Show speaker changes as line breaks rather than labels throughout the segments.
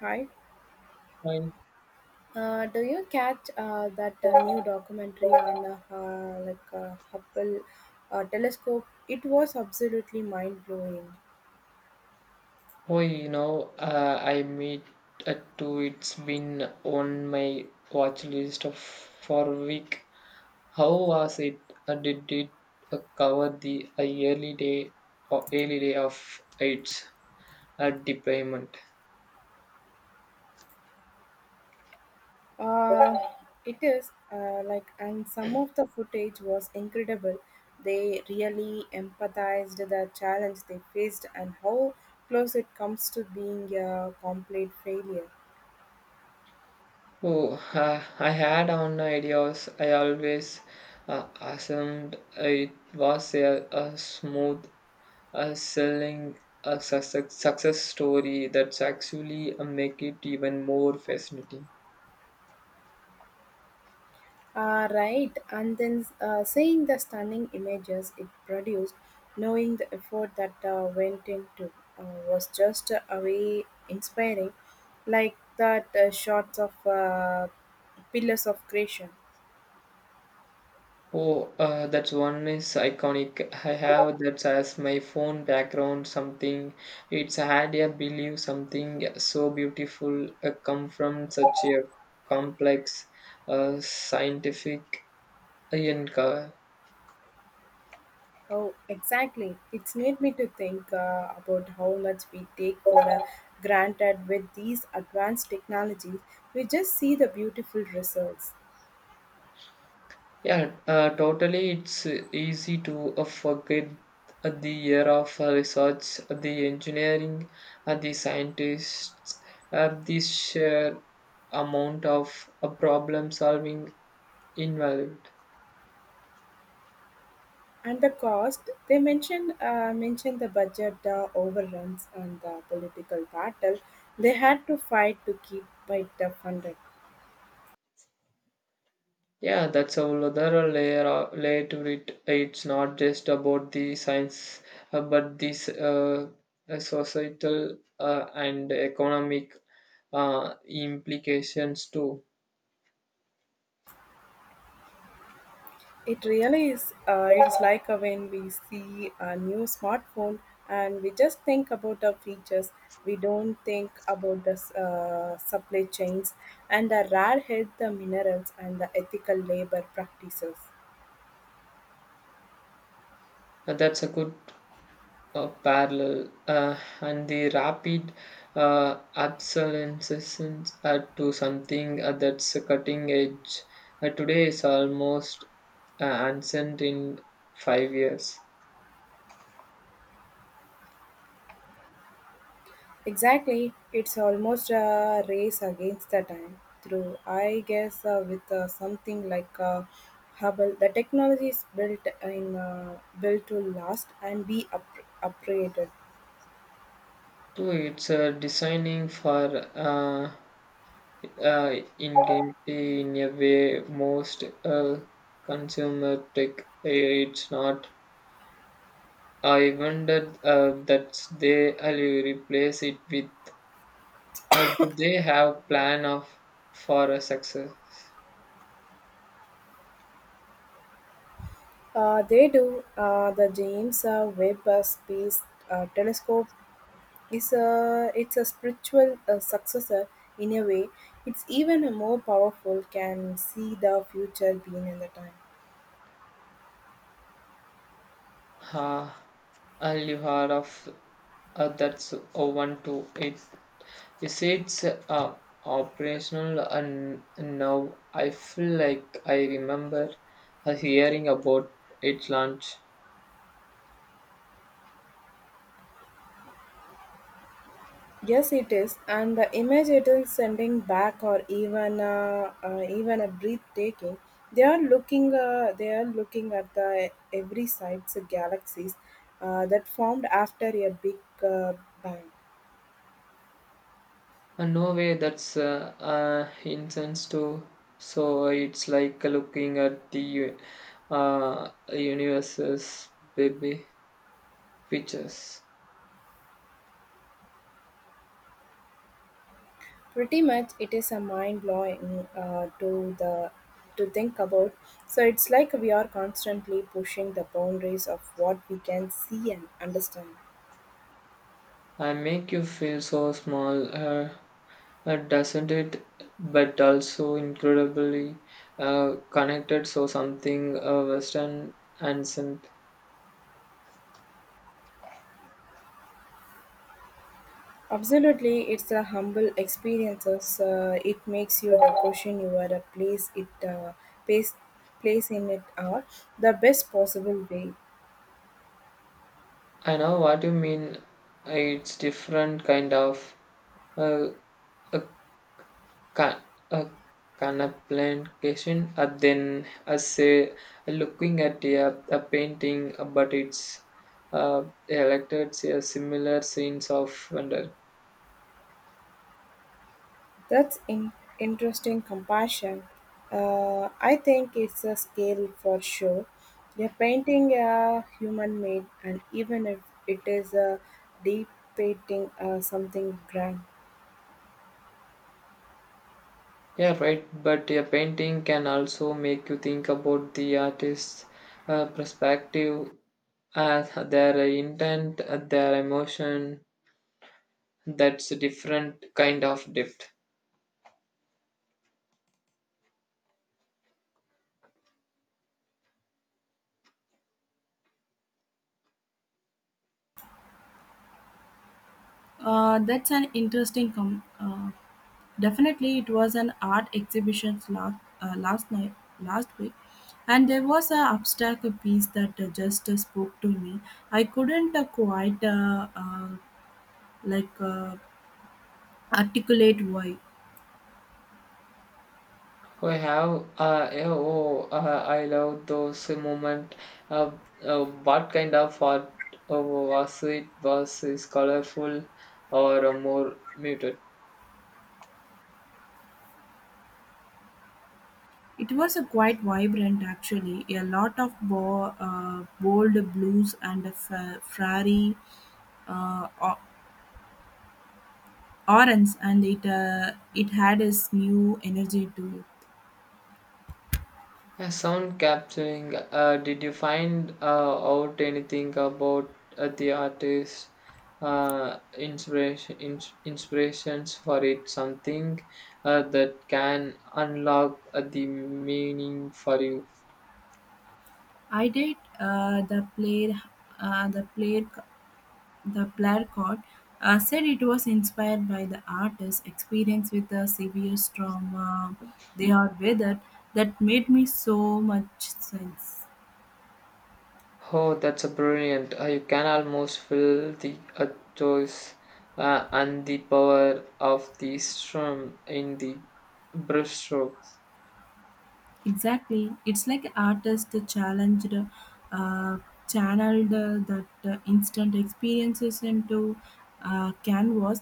Hi.
Fine.
Do you catch that new documentary on Hubble telescope? It was absolutely mind blowing.
I meet a two. It's been on my watch list for a week. How was it? Did it cover the early day or early day of its deployment?
Uh, it is and some of the footage was incredible. They really empathized the challenge they faced and how close it comes to being a complete failure.
Oh, I had on ideas. I always assumed it was a smooth selling a success story That's actually make it even more fascinating.
Right, and then seeing the stunning images it produced, knowing the effort that went into was just a way inspiring, like that shots of pillars of creation.
Oh, that's one is iconic. I have that as my phone background something. It's hard to believe something so beautiful come from such a complex scientific enca-
Oh, exactly. It's made me to think about how much we take for granted with these advanced technologies. We just see the beautiful results.
Yeah, totally. It's easy to forget the year of research, the engineering, the scientists, the sheer amount of problem solving involved.
And the cost, they mentioned the budget overruns and the political battle they had to fight to keep it funded.
Yeah, that's a whole other layer to it. It's not just about the science, but this societal and economic implications too.
It really is. It's like when we see a new smartphone and we just think about the features. We don't think about the supply chains and the rare earth, the minerals, and the ethical labor practices.
That's a good parallel and the rapid obsolescence to something that's a cutting edge today is almost ancient in 5 years.
Exactly, it's almost a race against the time. Through, I guess, with something like Hubble, the technology is built to last and be upgraded.
So it's designing for uh, ingenuity in a way most consumer tech. It's not. I wondered that they replace it with. Do they have plan of for a success?
They do. The James Webb Space Telescope is a it's a spiritual successor in a way. It's even more powerful. Can see the future being in the time.
Ah, you heard of that's one to it. Is it's operational and now I feel like I remember hearing about its launch.
Yes, it is, and the image it is sending back, or even a breathtaking. They are looking at the every side's galaxies that formed after a big uh, bang.
No way, that's incense too. So it's like looking at the universe's baby pictures.
Pretty much, it is a mind blowing to the to think about. So it's like we are constantly pushing the boundaries of what we can see and understand.
And make you feel so small, doesn't it? But also incredibly connected, so something Western and synth.
Absolutely, it's the humble experiences. It makes you the question you are a place it place place in it are the best possible way.
I know what you mean. It's different kind of uh, a, ca- a contemplation, than I say looking at a painting, but it's elected a similar sense of wonder.
That's in interesting compassion. I think it's a scale for sure. You're painting a human made, and even if it is a deep painting, something grand.
Yeah, right. But a painting can also make you think about the artist's perspective, their intent, their emotion. That's a different kind of depth.
That's an interesting com- Definitely, it was an art exhibition uh, last night last week, and there was a abstract piece that just spoke to me. I couldn't quite like uh, articulate why.
We have, yeah, oh, I love those moment. Uh, what kind of art was it? Was it colorful or more muted?
It was a quite vibrant, actually. A lot of bold blues and a fiery uh, o- orange, and it had a new energy to it.
Yeah, sound capturing. Did you find out anything about the artist inspiration inspirations for it? Something that can unlock the meaning for you.
I did the play The Plarcod said it was inspired by the artist's experience with the severe storm they had weathered that made me so much sense.
Oh, that's a brilliant. You can almost feel the choice and the power of the strum in the brushstroke.
Exactly. It's like an artist uh, channeled that instant experiences into canvas,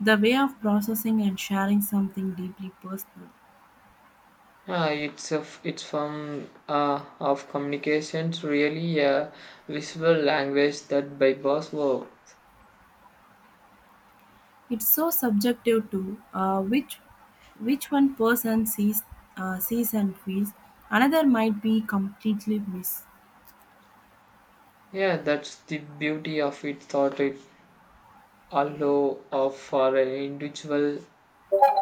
the way of processing and sharing something deeply personal.
It's a it's form of communications really a visual language that bypass words.
It's so subjective to Uh, which which one person sees sees and feels, another might be completely miss.
Yeah, that's the beauty of it. Thought it allow of for an individual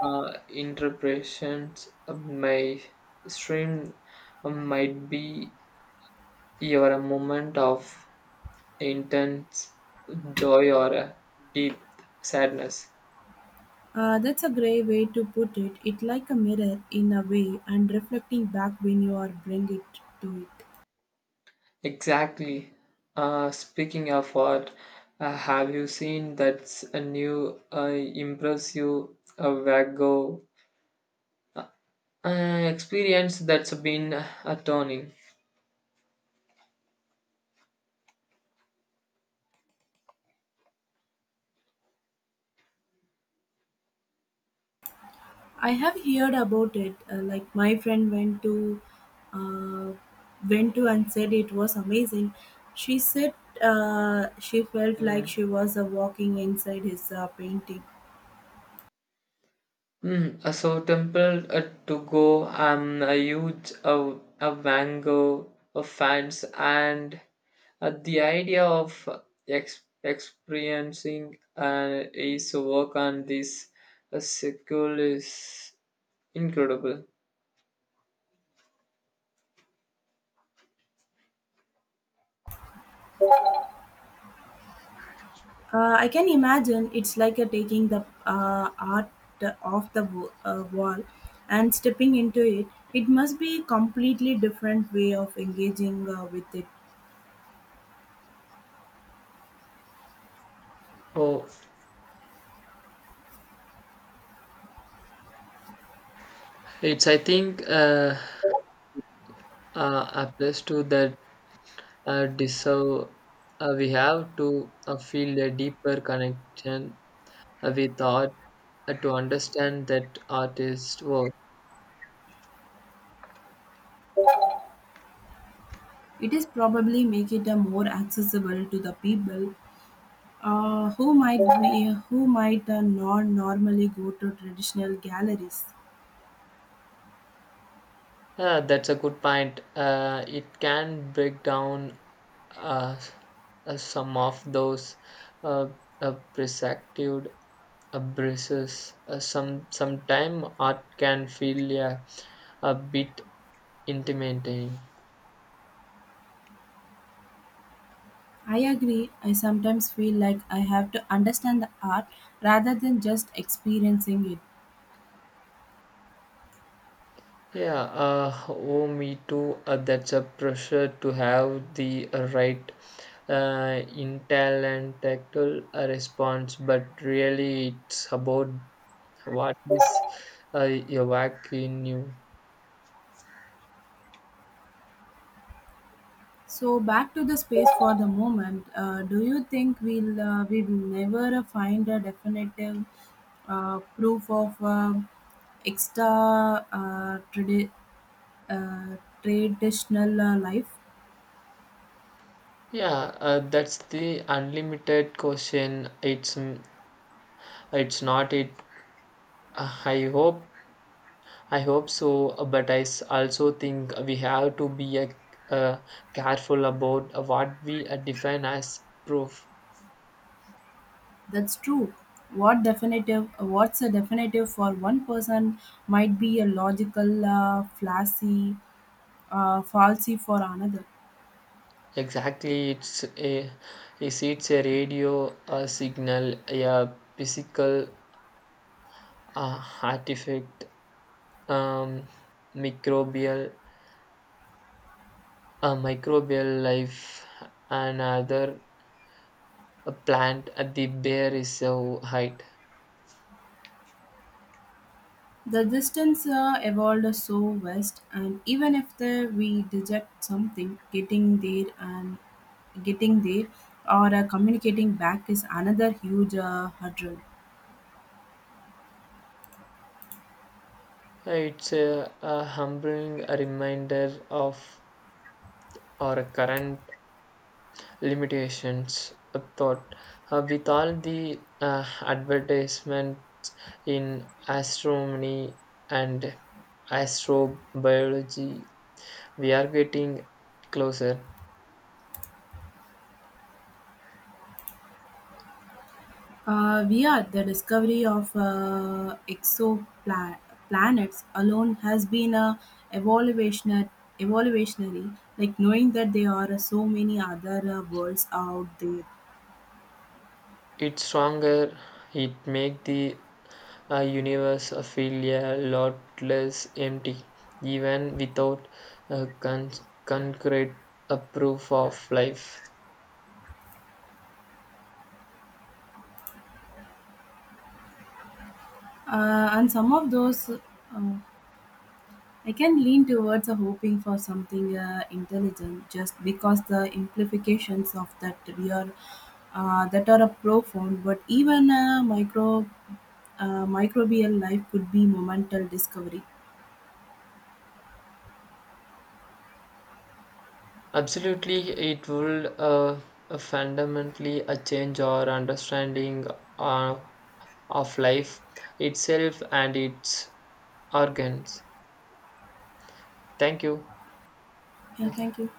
interpretations. Of My stream might be your a moment of intense joy or a deep sadness.
That's a grey way to put it. It like a mirror in a way, and reflecting back when you are bring it to it.
Exactly. Speaking of what, have you seen that's a new impressive Wago experience that's been turning?
I have heard about it. Like my friend uh, went to and said it was amazing. She said she felt like
Mm.
she was walking inside his painting.
Mm. So Temple to go. I'm a huge a Wango fans, and the idea of experiencing is work on this sequel is incredible.
I can imagine it's like a taking the art off the wall and stepping into it. It must be a completely different way of engaging with it.
Oh, it's I think applies to that deserve we have to feel a deeper connection with art to understand that artist work.
It is probably make it a more accessible to the people who might be, who might not normally go to traditional galleries.
Yeah, that's a good point. It can break down uh, some of those uh, perspective braces. Sometime art can feel yeah, a bit intimidating.
I agree. I sometimes feel like I have to understand the art rather than just experiencing it.
Yeah, oh, me too. That's a pressure to have the right intel and tactile response, but really it's about what is evoking you.
So back to the space for the moment. Do you think we will never find a definitive proof of extra uh, traditional life?
Yeah, that's the unlimited question. It's it's not it. Uh, I hope I hope so, but also think we have to be uh, careful about what we define as proof.
That's true. What definitive? What's a definitive for one person might be a logical flashy falsy for another.
Exactly, it's a is it's a radio signal, a physical artifact, um, microbial a microbial life, and other a plant at the bare is so height.
The distance evolved so west, and even if the, we deject something, getting there or communicating back is another huge hurdle.
It's a humbling reminder of our current limitations thought with all the advertisements in astronomy and astrobiology we are getting closer.
We are the discovery of exoplanets alone has been a evolutionary, evolutionary, like knowing that there are so many other worlds out there,
It's stronger. It makes the universe feel a lot less empty even without uh, con- concrete proof of life.
and some of those. Uh, I can lean towards hoping for something intelligent just because the implications of that are profound. But even a microbial life could be momental discovery.
Absolutely, it would fundamentally change our understanding uh, of life itself and its organs. Thank you.
Yeah, thank you.